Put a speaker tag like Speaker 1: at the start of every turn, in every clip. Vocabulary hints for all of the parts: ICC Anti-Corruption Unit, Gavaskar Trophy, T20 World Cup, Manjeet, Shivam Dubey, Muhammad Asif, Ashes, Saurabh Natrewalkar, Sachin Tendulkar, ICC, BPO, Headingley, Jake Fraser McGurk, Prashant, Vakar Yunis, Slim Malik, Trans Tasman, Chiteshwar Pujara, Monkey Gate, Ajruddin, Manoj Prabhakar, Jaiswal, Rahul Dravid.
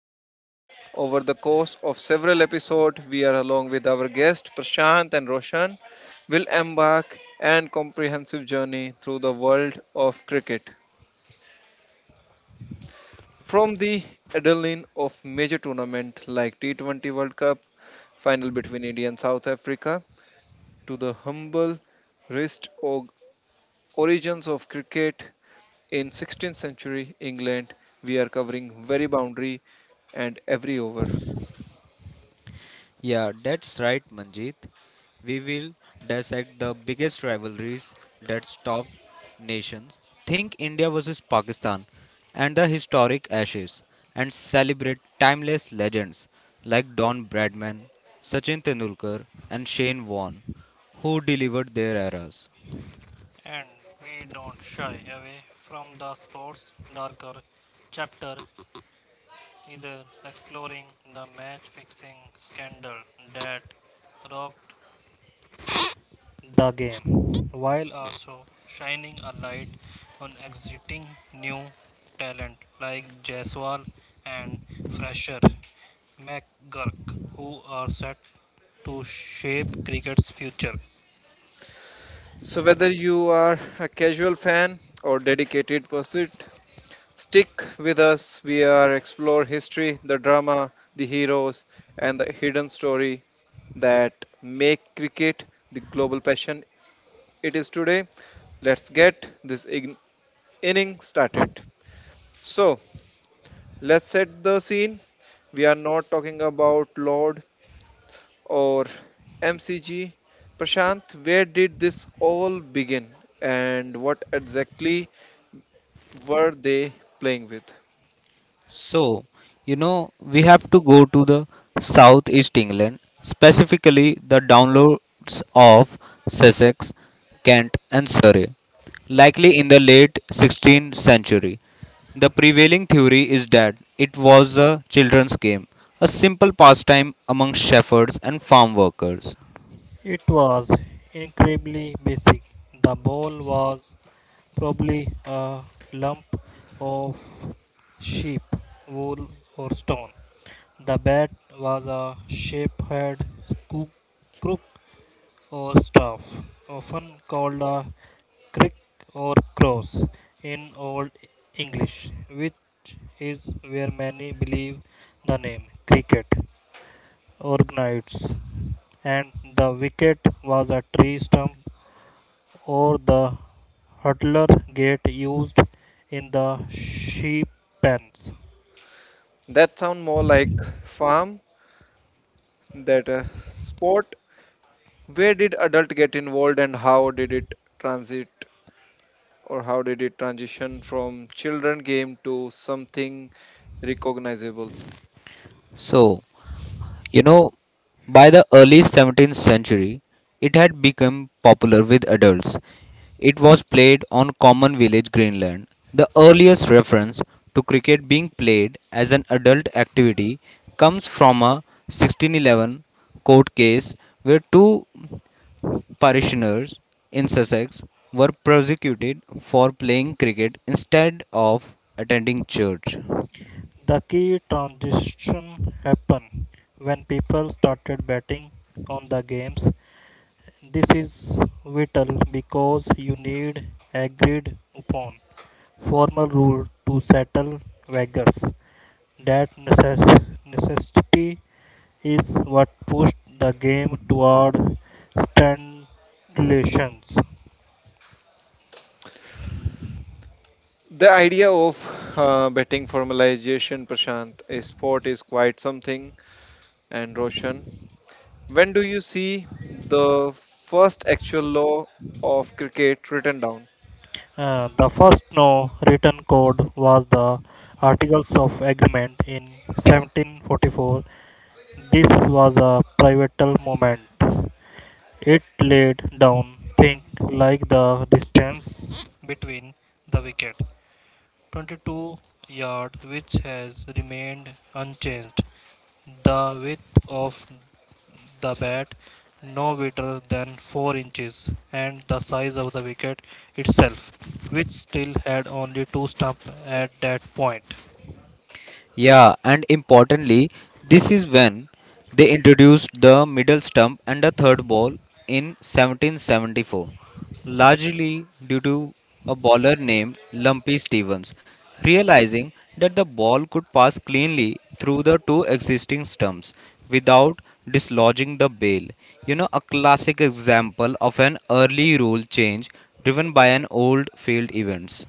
Speaker 1: Manjeet. Over the course of several episodes, we are along with our guests Prashant and Roshan will embark an comprehensive journey through the world of cricket. From the adrenaline of major tournament like T20 World Cup final between India and South Africa to the humble wrist origins of cricket in 16th century England, we are covering very boundary and every over.
Speaker 2: Yeah, that's right, Manjit. We will dissect the biggest rivalries that top nations. Think India versus Pakistan and the historic Ashes, and celebrate timeless legends like Don Bradman, Sachin Tendulkar, and Shane Warne, who delivered their eras.
Speaker 3: And we don't shy away from the sport's darker chapter, either exploring the match fixing scandal that rocked the game, while also shining a light on exiting new talent like Jaiswal and fresher McGurk who are set to shape cricket's future.
Speaker 1: So whether you are a casual fan or dedicated pursuit, stick with us. We are explore history, the drama, the heroes, and the hidden story that make cricket the global passion it is today. Let's get this inning started. So let's set the scene. We are not talking about Lord or MCG. Prashant, where did this all begin and what exactly were they playing with?
Speaker 2: So, we have to go to the southeast England, specifically the downloads of Sussex, Kent, and Surrey, likely in the late 16th century. The prevailing theory is that it was a children's game, a simple pastime among shepherds and farm workers.
Speaker 3: It was incredibly basic. The bowl was probably a lump of sheep, wool, or stone. The bat was a shape head coo- crook or staff, often called a crick or cross in Old English, which is where many believe the name cricket organites, and the wicket was a tree stump or the hurdler gate used in the sheep pens.
Speaker 1: That sound more like farm than a sport. Where did adult get involved and how did it transit transition from children game to something recognizable?
Speaker 2: So, You know, by the early 17th century, it had become popular with adults. It was played on common village Greenland. The earliest reference to cricket being played as an adult activity comes from a 1611 court case where two parishioners in Sussex were prosecuted for playing cricket instead of attending church.
Speaker 3: The key transition happened when people started betting on the games. This is vital because you need agreed upon formal rule to settle wagers. That necessity is what pushed the game toward stipulations.
Speaker 1: The idea of betting formalization, Prashant, a sport is quite something, and Roshan, when do you see the first actual law of cricket written down?
Speaker 3: The first no written code was the Articles of Agreement in 1744. This was a pivotal moment. It laid down think like the distance between the wicket, 22 yards, which has remained unchanged, the width of the bat, no wider than 4 inches, and the size of the wicket itself, which still had only two stumps at that point.
Speaker 2: Yeah, and importantly, this is when they introduced the middle stump and the third ball in 1774, largely due to a bowler named Lumpy Stevens realizing that the ball could pass cleanly through the two existing stumps without dislodging the bail. A classic example of an early rule change driven by an old field events.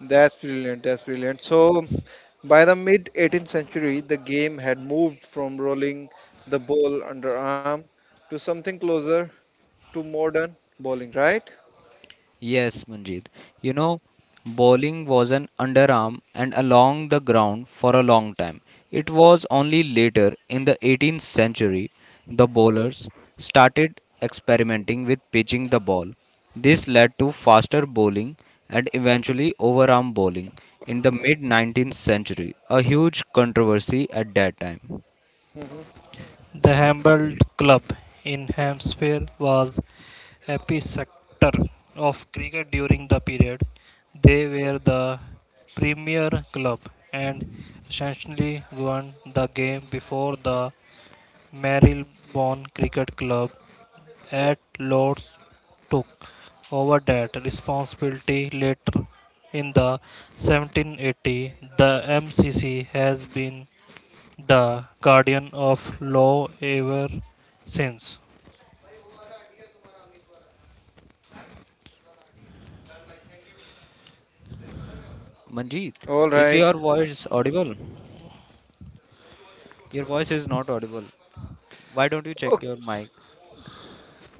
Speaker 1: That's brilliant. That's brilliant. So, by the mid 18th century, the game had moved from rolling the ball underarm to something closer to modern bowling, right?
Speaker 2: Yes, Manjeet. You know, Bowling was an underarm and along the ground for a long time. It was only later in the 18th century the bowlers started experimenting with pitching the ball. This led to faster bowling and eventually overarm bowling in the mid 19th century, a huge controversy at that time.
Speaker 1: Hmm.
Speaker 3: The Humboldt Club in Hampshire was epicenter of cricket during the period. They were the premier club and essentially won the game before the Marylebone Cricket Club at Lord's took over that responsibility later in the 1780. The MCC has been the guardian of law ever since.
Speaker 2: Manjeet,
Speaker 1: All
Speaker 2: is
Speaker 1: right.
Speaker 2: your voice audible? Your voice is not audible. Why don't you check
Speaker 1: Okay.
Speaker 2: your mic?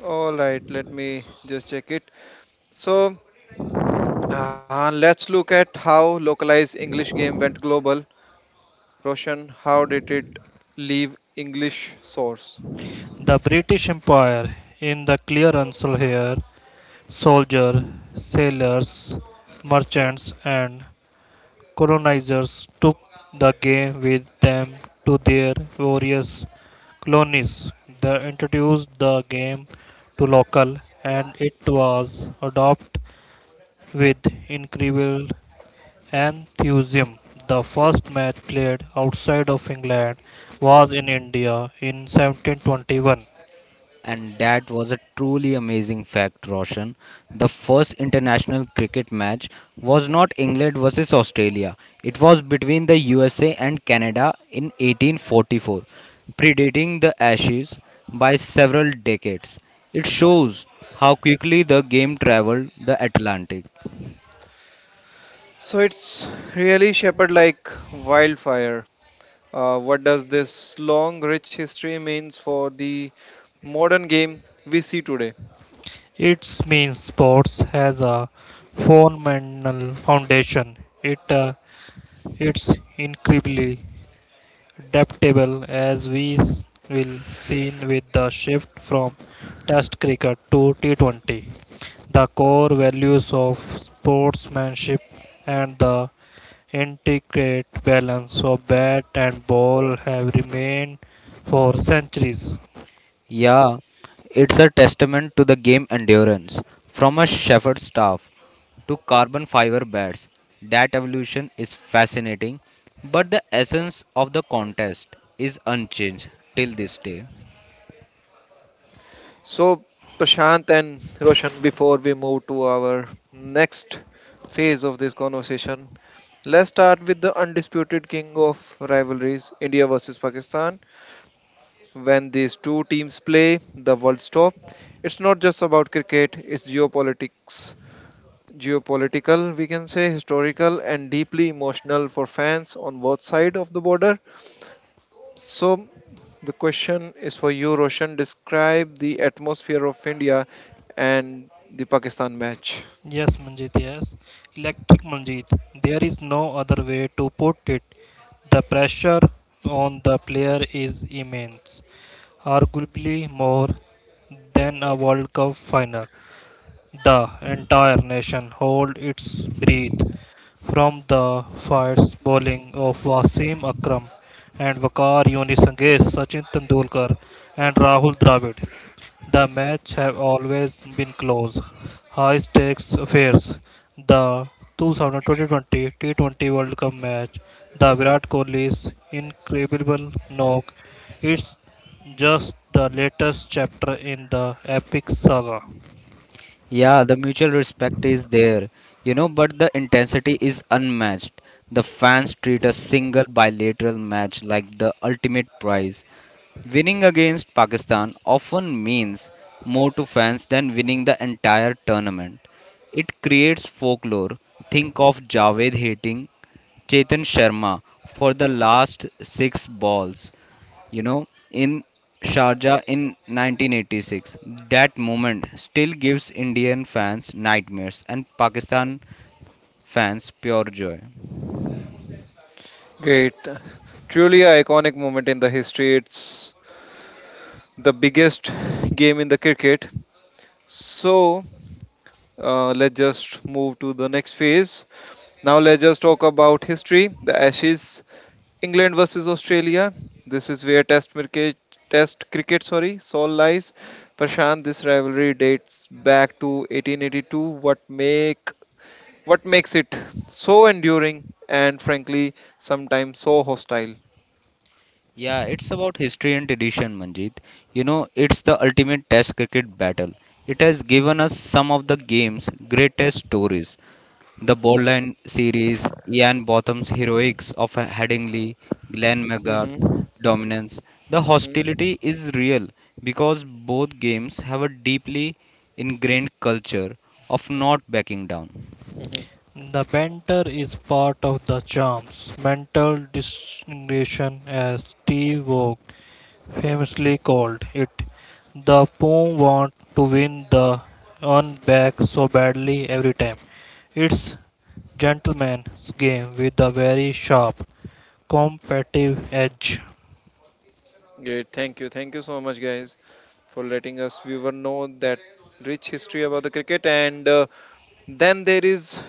Speaker 1: All right. Let me just check it. So, let's look at how localized English game went global. Roshan, how did it leave English source?
Speaker 3: The British Empire, in the clear answer here, soldiers, sailors, merchants, and colonizers took the game with them to their various colonies. They introduced the game to local, and it was adopted with incredible enthusiasm. The first match played outside of England was in India in 1721.
Speaker 2: And that was a truly amazing fact, Roshan. The first international cricket match was not England versus Australia, it was between the USA and Canada in 1844, predating the Ashes by several decades. It shows how quickly the game traveled the Atlantic.
Speaker 1: So it's really shepherd like wildfire. What does this long, rich history means for the modern game we see today?
Speaker 3: Its means sports has a phenomenal foundation. It It's incredibly adaptable as we will see with the shift from Test cricket to T20. The core values of sportsmanship and the intricate balance of bat and ball have remained for centuries.
Speaker 2: Yeah, it's a testament to the game endurance. From a shepherd's staff to carbon fiber bats, that evolution is fascinating, but the essence of the contest is unchanged till this day.
Speaker 1: So Prashant and Roshan, before we move to our next phase of this conversation, let's start with the undisputed king of rivalries, India versus Pakistan. When these two teams play, the world stop. It's not just about cricket; it's geopolitics. Geopolitical, we can say, historical, and deeply emotional for fans on both sides of the border. So, the question is for you, Roshan. Describe the atmosphere of India and the Pakistan match.
Speaker 3: Yes, Manjit, yes. Electric Manjit, there is no other way to put it. The pressure on the player is immense, arguably more than a World Cup final. The entire nation hold its breath from the fierce bowling of Wasim Akram and Vakar Yunis against Sachin Tendulkar and Rahul Dravid. The match have always been close, high stakes affairs. The 2020 T20 World Cup match, the Virat Kohli's incredible knock, it's just the latest chapter in the epic saga.
Speaker 2: Yeah, the mutual respect is there, but the intensity is unmatched. The fans treat a single bilateral match like the ultimate prize. Winning against Pakistan often means more to fans than winning the entire tournament. It creates folklore. Think of Javed hating Chetan Sharma for the last six balls you know, in Sharjah in 1986. That moment still gives Indian fans nightmares and Pakistan fans pure joy.
Speaker 1: Great. Truly an iconic moment in the history. It's the biggest game in the cricket. So, let's just move to the next phase. Now, let's just talk about history, the Ashes England versus Australia. This is where Test cricket, soul lies. Prashant, this rivalry dates back to 1882. What make what makes it so enduring and frankly sometimes so hostile?
Speaker 2: Yeah, it's about history and tradition, Manjit. It's the ultimate test cricket battle. It has given us some of the game's greatest stories. The Bowline series, Ian Botham's heroics of Headingley, Glenn McGrath
Speaker 1: Hmm. Hmm.
Speaker 2: dominance. The hostility is real because both games have a deeply ingrained culture of not backing down.
Speaker 1: Hmm.
Speaker 3: The banter is part of the charms. Mental distinction, as T. Vogue famously called it. The poem want to win the on back so badly every time. It's gentleman's game with a very sharp, competitive edge.
Speaker 1: Great. Thank you. Thank you so much, guys, for letting us viewer know that rich history about the cricket. And then there is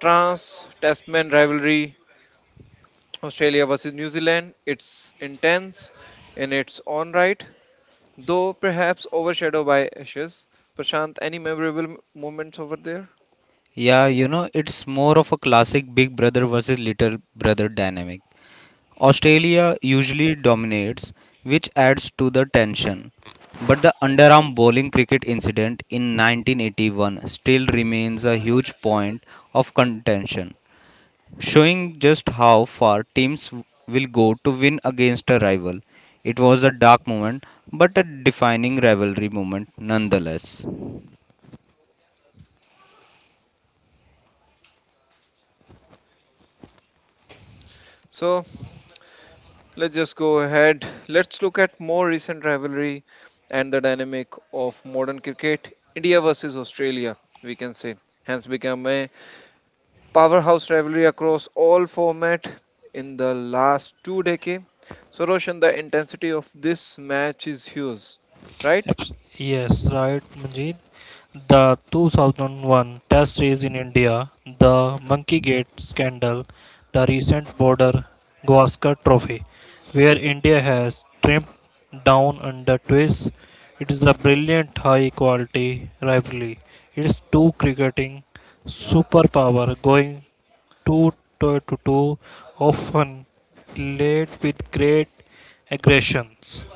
Speaker 1: Trans Tasman rivalry, Australia versus New Zealand, it's intense in its own right, though perhaps overshadowed by Ashes. Prashant, any memorable moments over there?
Speaker 2: Yeah, it's more of a classic big brother versus little brother dynamic. Australia usually dominates, which adds to the tension. But the underarm bowling cricket incident in 1981 still remains a huge point of contention, showing just how far teams will go to win against a rival. It was a dark moment, but a defining rivalry moment nonetheless.
Speaker 1: So let's just go ahead. Let's look at more recent rivalry and the dynamic of modern cricket. India versus Australia, we can say, hence become a powerhouse rivalry across all format in the last two decades. So Roshan, the intensity of this match is huge, right?
Speaker 3: Yes, right, Manjeet. The 2001 test race in India, the Monkey Gate scandal, the recent border Gavaskar Trophy, where India has trimmed down under twists. It is a brilliant high quality rivalry. It's two cricketing superpower going two to two, often played with great aggressions.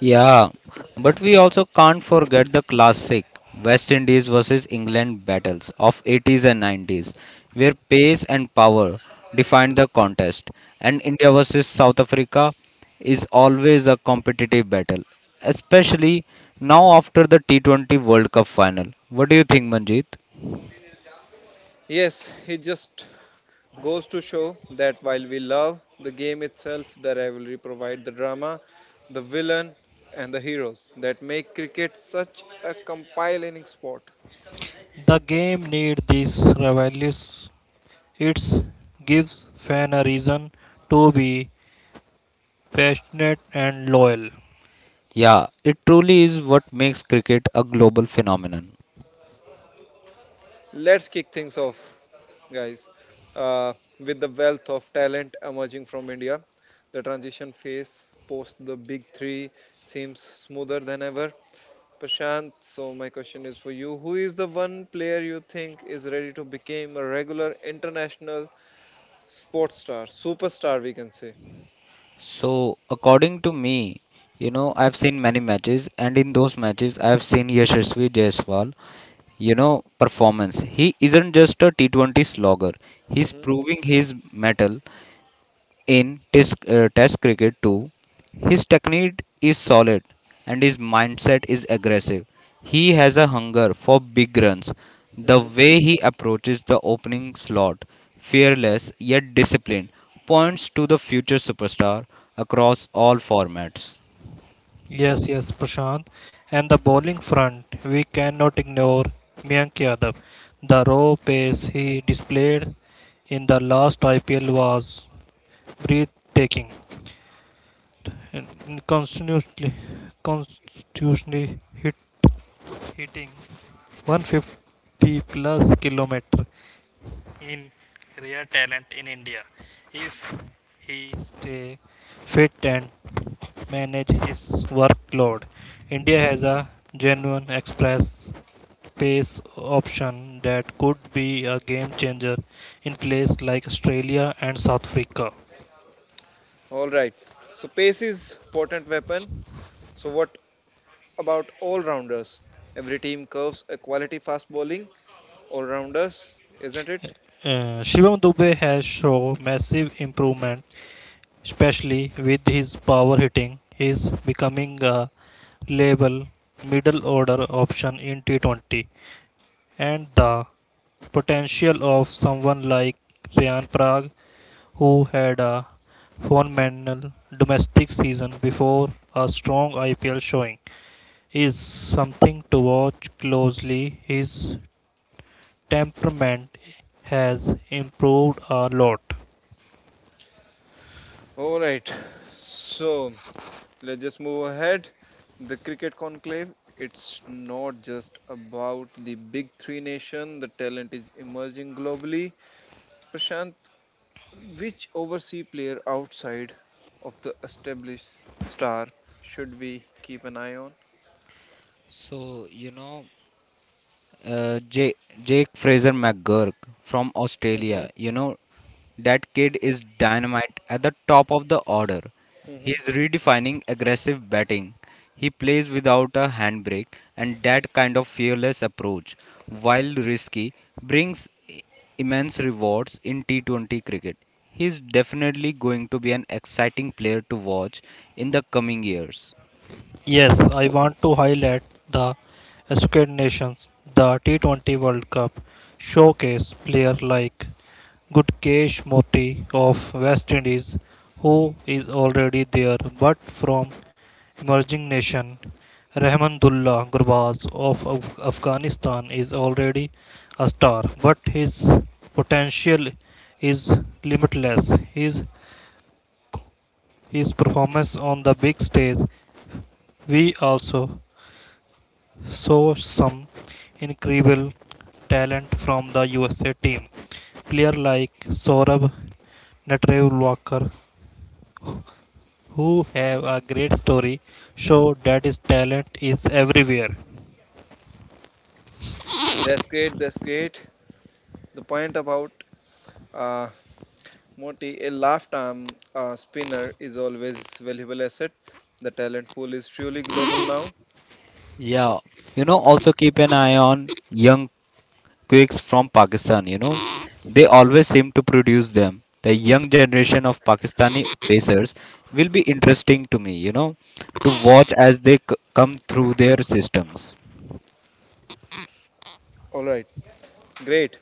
Speaker 2: Yeah, but we also can't forget the classic West Indies versus England battles of 80s and 90s, where pace and power defined the contest, and India versus South Africa is always a competitive battle, especially now after the T20 World Cup final. What do you think, Manjeet?
Speaker 1: Yes, it just goes to show that while we love the game itself, the rivalry provide the drama, the villain, and the heroes that make cricket such a compelling sport.
Speaker 3: The game needs these rivalries. It gives fans a reason to be passionate and loyal.
Speaker 2: Yeah, it truly is what makes cricket a global phenomenon.
Speaker 1: Let's kick things off, guys. Uh, with the wealth of talent emerging from India, the transition phase post the big three seems smoother than ever. Prashant, so my question is for you: Who is the one player you think is ready to become a regular international? Sports star, superstar, we can say.
Speaker 2: So, according to me, I've seen many matches, and in those matches, I've seen Yashasvi Jaiswal, you know, performance. He isn't just a T20 slogger, he's
Speaker 1: Hmm.
Speaker 2: proving his metal in test cricket too, his technique is solid and his mindset is aggressive. He has a hunger for big runs. The
Speaker 1: Hmm.
Speaker 2: way he approaches the opening slot, fearless yet disciplined, points to the future superstar across all formats.
Speaker 3: Yes, yes, Prashant. And the bowling front, we cannot ignore Mayank Yadav. The raw pace he displayed in the last IPL was breathtaking. And Constantly, constitutionally hit, hitting 150 plus kilometer in rare talent in India. If he stay fit and manage his workload, India has a genuine express pace option that could be a game changer in places like Australia and South Africa.
Speaker 1: All right. So pace is potent weapon. So what about all rounders? Every team curves a quality fast bowling all rounders, isn't it?
Speaker 3: Shivam Dubey has shown massive improvement, especially with his power hitting. He is becoming a label middle order option in T20, and the potential of someone like Ryan Prague, who had a phenomenal domestic season before a strong IPL showing, is something to watch closely. His temperament has improved a lot.
Speaker 1: All right. So let's just move ahead. The cricket conclave. It's not just about the big three nation. The talent is emerging globally. Prashant, which overseas player outside of the established star should we keep an eye on?
Speaker 2: So, uh, J- Jake Fraser McGurk from
Speaker 1: Hmm.
Speaker 2: Australia. That kid is dynamite at the top of the order. He
Speaker 1: Hmm.
Speaker 2: is redefining aggressive batting. He plays without a handbrake, and that kind of fearless approach, while risky, brings immense rewards in T20 cricket. He is definitely going to be an exciting player to watch in the coming years.
Speaker 3: Yes, I want to highlight the Squid Nations. The T20 World Cup showcase player like Gutkesh Moti of West Indies, who is already there, but from emerging nation. Rahmanullah Gurbaz of Afghanistan is already a star, but his potential is limitless. His performance on the big stage. We also saw some incredible talent from the USA team. Players like Saurabh Natrewalkar, who have a great story, show that his talent is everywhere.
Speaker 1: That's great. That's great. The point about uh, Moti, a left arm spinner is always valuable asset. The talent pool is truly global now.
Speaker 2: Yeah, also keep an eye on young quakes from Pakistan, They always seem to produce them. The young generation of Pakistani pacers will be interesting to me, to watch as they come through their systems.
Speaker 1: All right, great.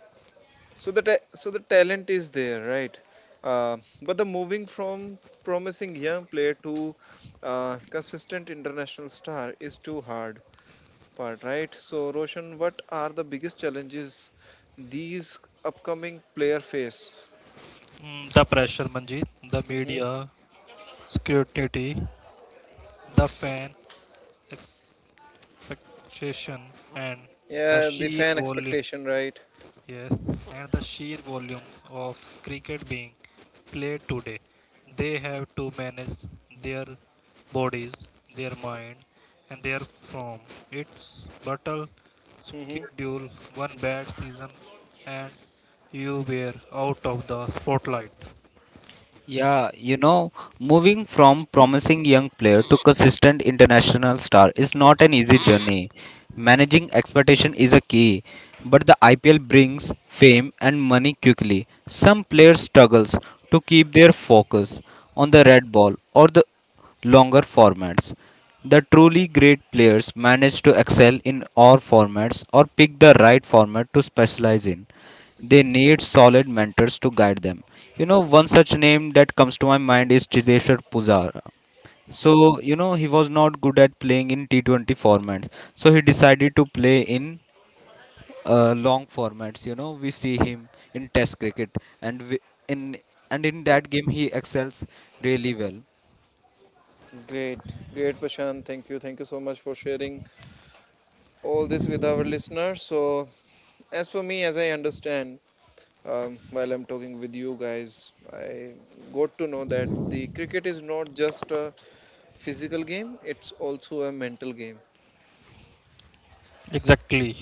Speaker 1: So so the talent is there, right? But the moving from promising young player to consistent international star is too hard part, right? So, Roshan, what are the biggest challenges these upcoming player face?
Speaker 3: Mm, the pressure, Manjeet, the
Speaker 1: Hmm.
Speaker 3: media, scrutiny, the fan expectation, and the
Speaker 1: Yeah, the fan expectation, right?
Speaker 3: yes, and the sheer volume of cricket being played today, they have to manage their bodies, their mind, and their form. It's battle
Speaker 1: Hmm.
Speaker 3: schedule, one bad season, and you were out of the spotlight.
Speaker 2: Yeah, moving from promising young player to consistent international star is not an easy journey. Managing expectation is a key, but the IPL brings fame and money quickly. Some players struggles to keep their focus on the red ball or the longer formats. The truly great players manage to excel in all formats or pick the right format to specialize in. They need solid mentors to guide them. One such name that comes to my mind is Chiteshwar Pujara. So, he was not good at playing in T20 formats. So he decided to play in long formats. You know, we see him in Test cricket and we, in and in that game he excels really well.
Speaker 1: Great, great, Prashant. Thank you so much for sharing all this with our listeners. So, as for me, as I understand, while I'm talking with you guys, I got to know that the cricket is not just a physical game; it's also a mental game.
Speaker 3: Exactly.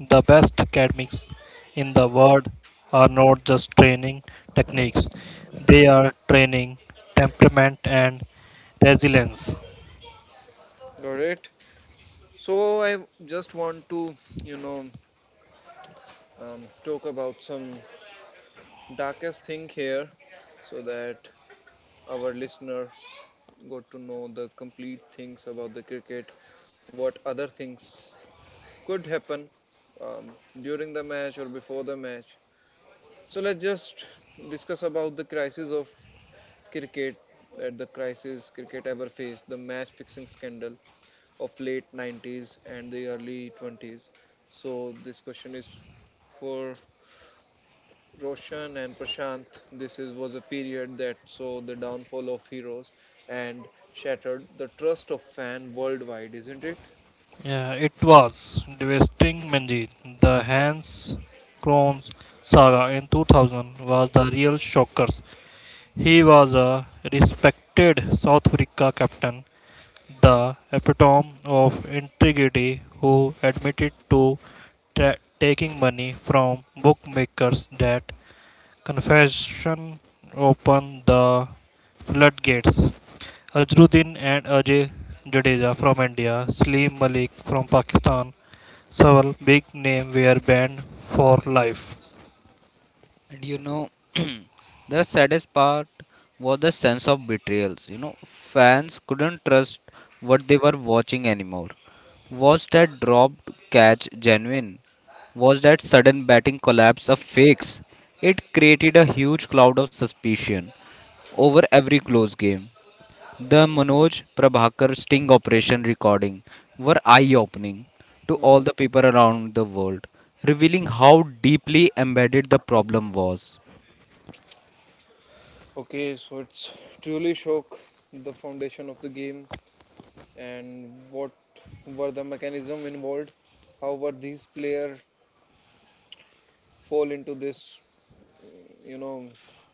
Speaker 3: The best academics in the world are not just training techniques, they are training temperament and resilience.
Speaker 1: All right. So I just want to, you know, talk about some darkest thing here so that our listener got to know the complete things about the cricket, what other things could happen um, during the match or before the match, so let's just discuss about the crisis of cricket, that the crisis cricket ever faced, the match fixing scandal of late 90s and the early 20s. So this question is for Roshan and Prashant, this, is, was a period that saw the downfall of heroes and shattered the trust of fan worldwide, isn't it?
Speaker 3: Yeah, it was devastating, Manjeet. The Hans Krohn's saga in 2000 was the real shockers. He was a respected South Africa captain, the epitome of integrity, who admitted to taking money from bookmakers. That confession opened the floodgates. Ajruddin and Ajay Jadeja from India, Slim Malik from Pakistan, several big names were banned for life.
Speaker 2: And the saddest part was the sense of betrayals. Fans couldn't trust what they were watching anymore. Was that dropped catch genuine? Was that sudden batting collapse a fix? It created a huge cloud of suspicion over every close game. The Manoj Prabhakar sting operation recording were eye opening to all
Speaker 1: Hmm.
Speaker 2: the people around the world, revealing how deeply embedded the problem was.
Speaker 1: Okay, so it's truly shook the foundation of the game, and what were the mechanism involved? How were these players fall into this, you know,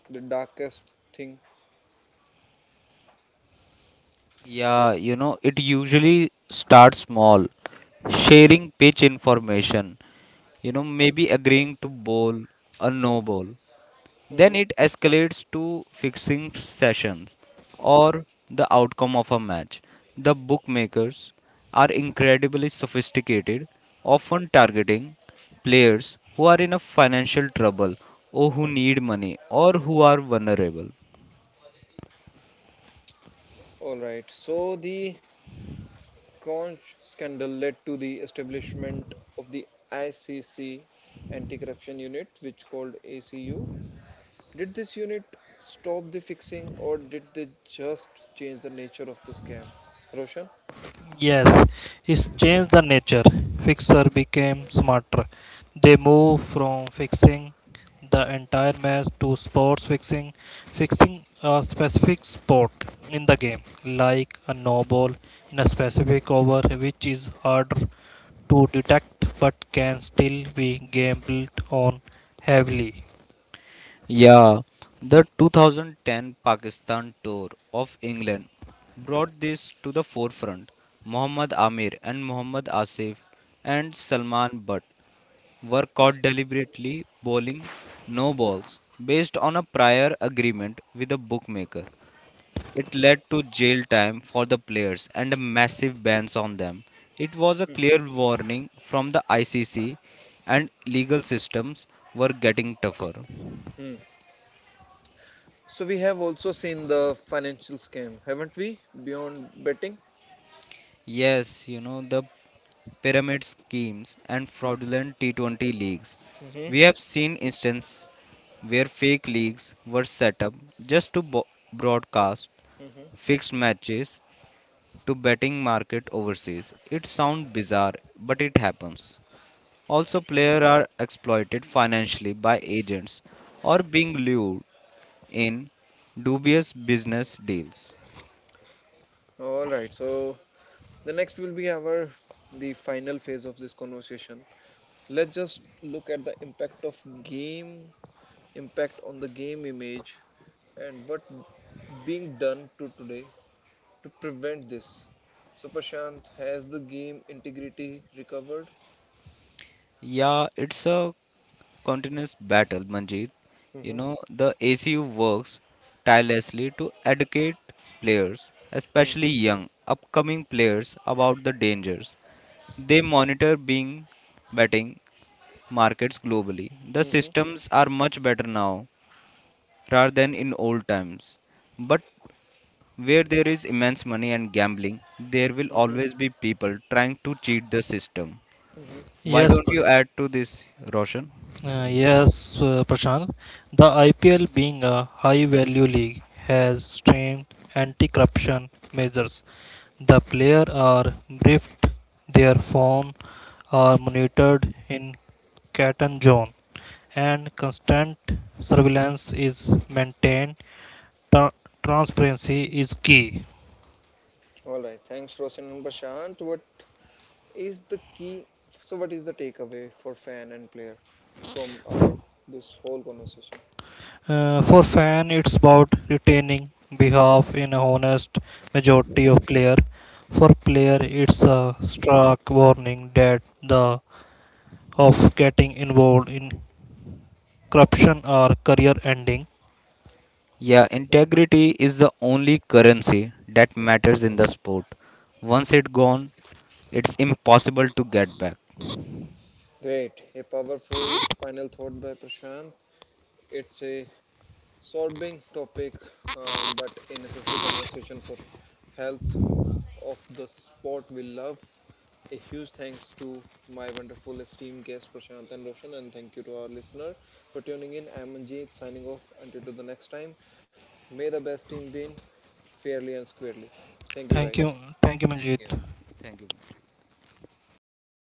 Speaker 1: the darkest thing?
Speaker 2: Yeah, it usually starts small, sharing pitch information, maybe agreeing to bowl a no bowl.
Speaker 1: Hmm.
Speaker 2: Then it escalates to fixing sessions or the outcome of a match. The bookmakers are incredibly sophisticated, often targeting players who are in a financial trouble or who need money or who are vulnerable.
Speaker 1: All right. So the Conch scandal led to the establishment of the ICC Anti-Corruption Unit, which called ACU. Did this unit stop the fixing or did they just change the nature of the scam? Roshan?
Speaker 3: Yes, it's changed the nature. Fixer became smarter. They moved from fixing the entire match to sports fixing, fixing a specific sport in the game, like a no ball in a specific over, which is harder to detect but can still be gambled on heavily.
Speaker 2: Yeah, the 2010 Pakistan tour of England brought this to the forefront. Muhammad Amir and Muhammad Asif and Salman Butt were caught deliberately bowling no balls based on a prior agreement with a bookmaker. It led to jail time for the players and a massive bans on them. It was a
Speaker 1: Hmm.
Speaker 2: clear warning from the ICC and legal systems were getting tougher.
Speaker 1: Hmm. So we have also seen the financial scam, haven't we? Beyond betting.
Speaker 2: Yes, the pyramid schemes and fraudulent T20 leagues. We
Speaker 1: Hmm.
Speaker 2: have seen instances where fake leagues were set up just to broadcast
Speaker 1: Hmm.
Speaker 2: fixed matches to betting market overseas. It sounds bizarre, but it happens. Also,
Speaker 1: Hmm.
Speaker 2: players are exploited financially by agents or being lured in dubious business deals.
Speaker 1: All right. So the next will be our the final phase of this conversation. Let's just look at the impact of game, impact on the game image, and what being done to today to prevent this. So Prashant, has the game integrity recovered?
Speaker 2: Yeah, it's a continuous battle, Manjeet.
Speaker 1: Mhm.
Speaker 2: The ACU works tirelessly to educate players, especially
Speaker 1: Mhm.
Speaker 2: young, upcoming players, about the dangers. They monitor being betting markets globally. The
Speaker 1: Mhm.
Speaker 2: systems are much better now rather than in old times. But where there is immense money and gambling, there will
Speaker 1: Mhm.
Speaker 2: always be people trying to cheat the system.
Speaker 1: Mhm.
Speaker 2: Why
Speaker 3: Yes,
Speaker 2: don't
Speaker 3: but
Speaker 2: you add to this, Roshan?
Speaker 3: Yes, Prashant, the IPL, being a high value league, has strained anti corruption measures. The players are briefed, their phones are monitored in Catan zone, and constant surveillance is maintained. Tra- transparency is key.
Speaker 1: All right, thanks Roshan and Prashant. What is the key, so what is the takeaway for fan and player from our this whole conversation?
Speaker 3: For fan, it's about retaining behalf in a honest majority of player. For player, it's a stark warning that the of getting involved in corruption or career ending.
Speaker 2: Yeah, integrity is the only currency that matters in the sport. Once it's gone, it's impossible to get back.
Speaker 1: Great, a powerful final thought by Prashant. It's a sorbing topic, but a necessary conversation for health of the sport we love. A huge thanks to my wonderful esteemed guest Prashant and Roshan, and thank you to our listener for tuning in. I'm Manjeet signing off until to the next time. May the best team win fairly and squarely. Thank you,
Speaker 3: Thank
Speaker 1: guys.
Speaker 3: you,
Speaker 2: Thank you.
Speaker 3: Manjeet.
Speaker 2: Thank you. Manju.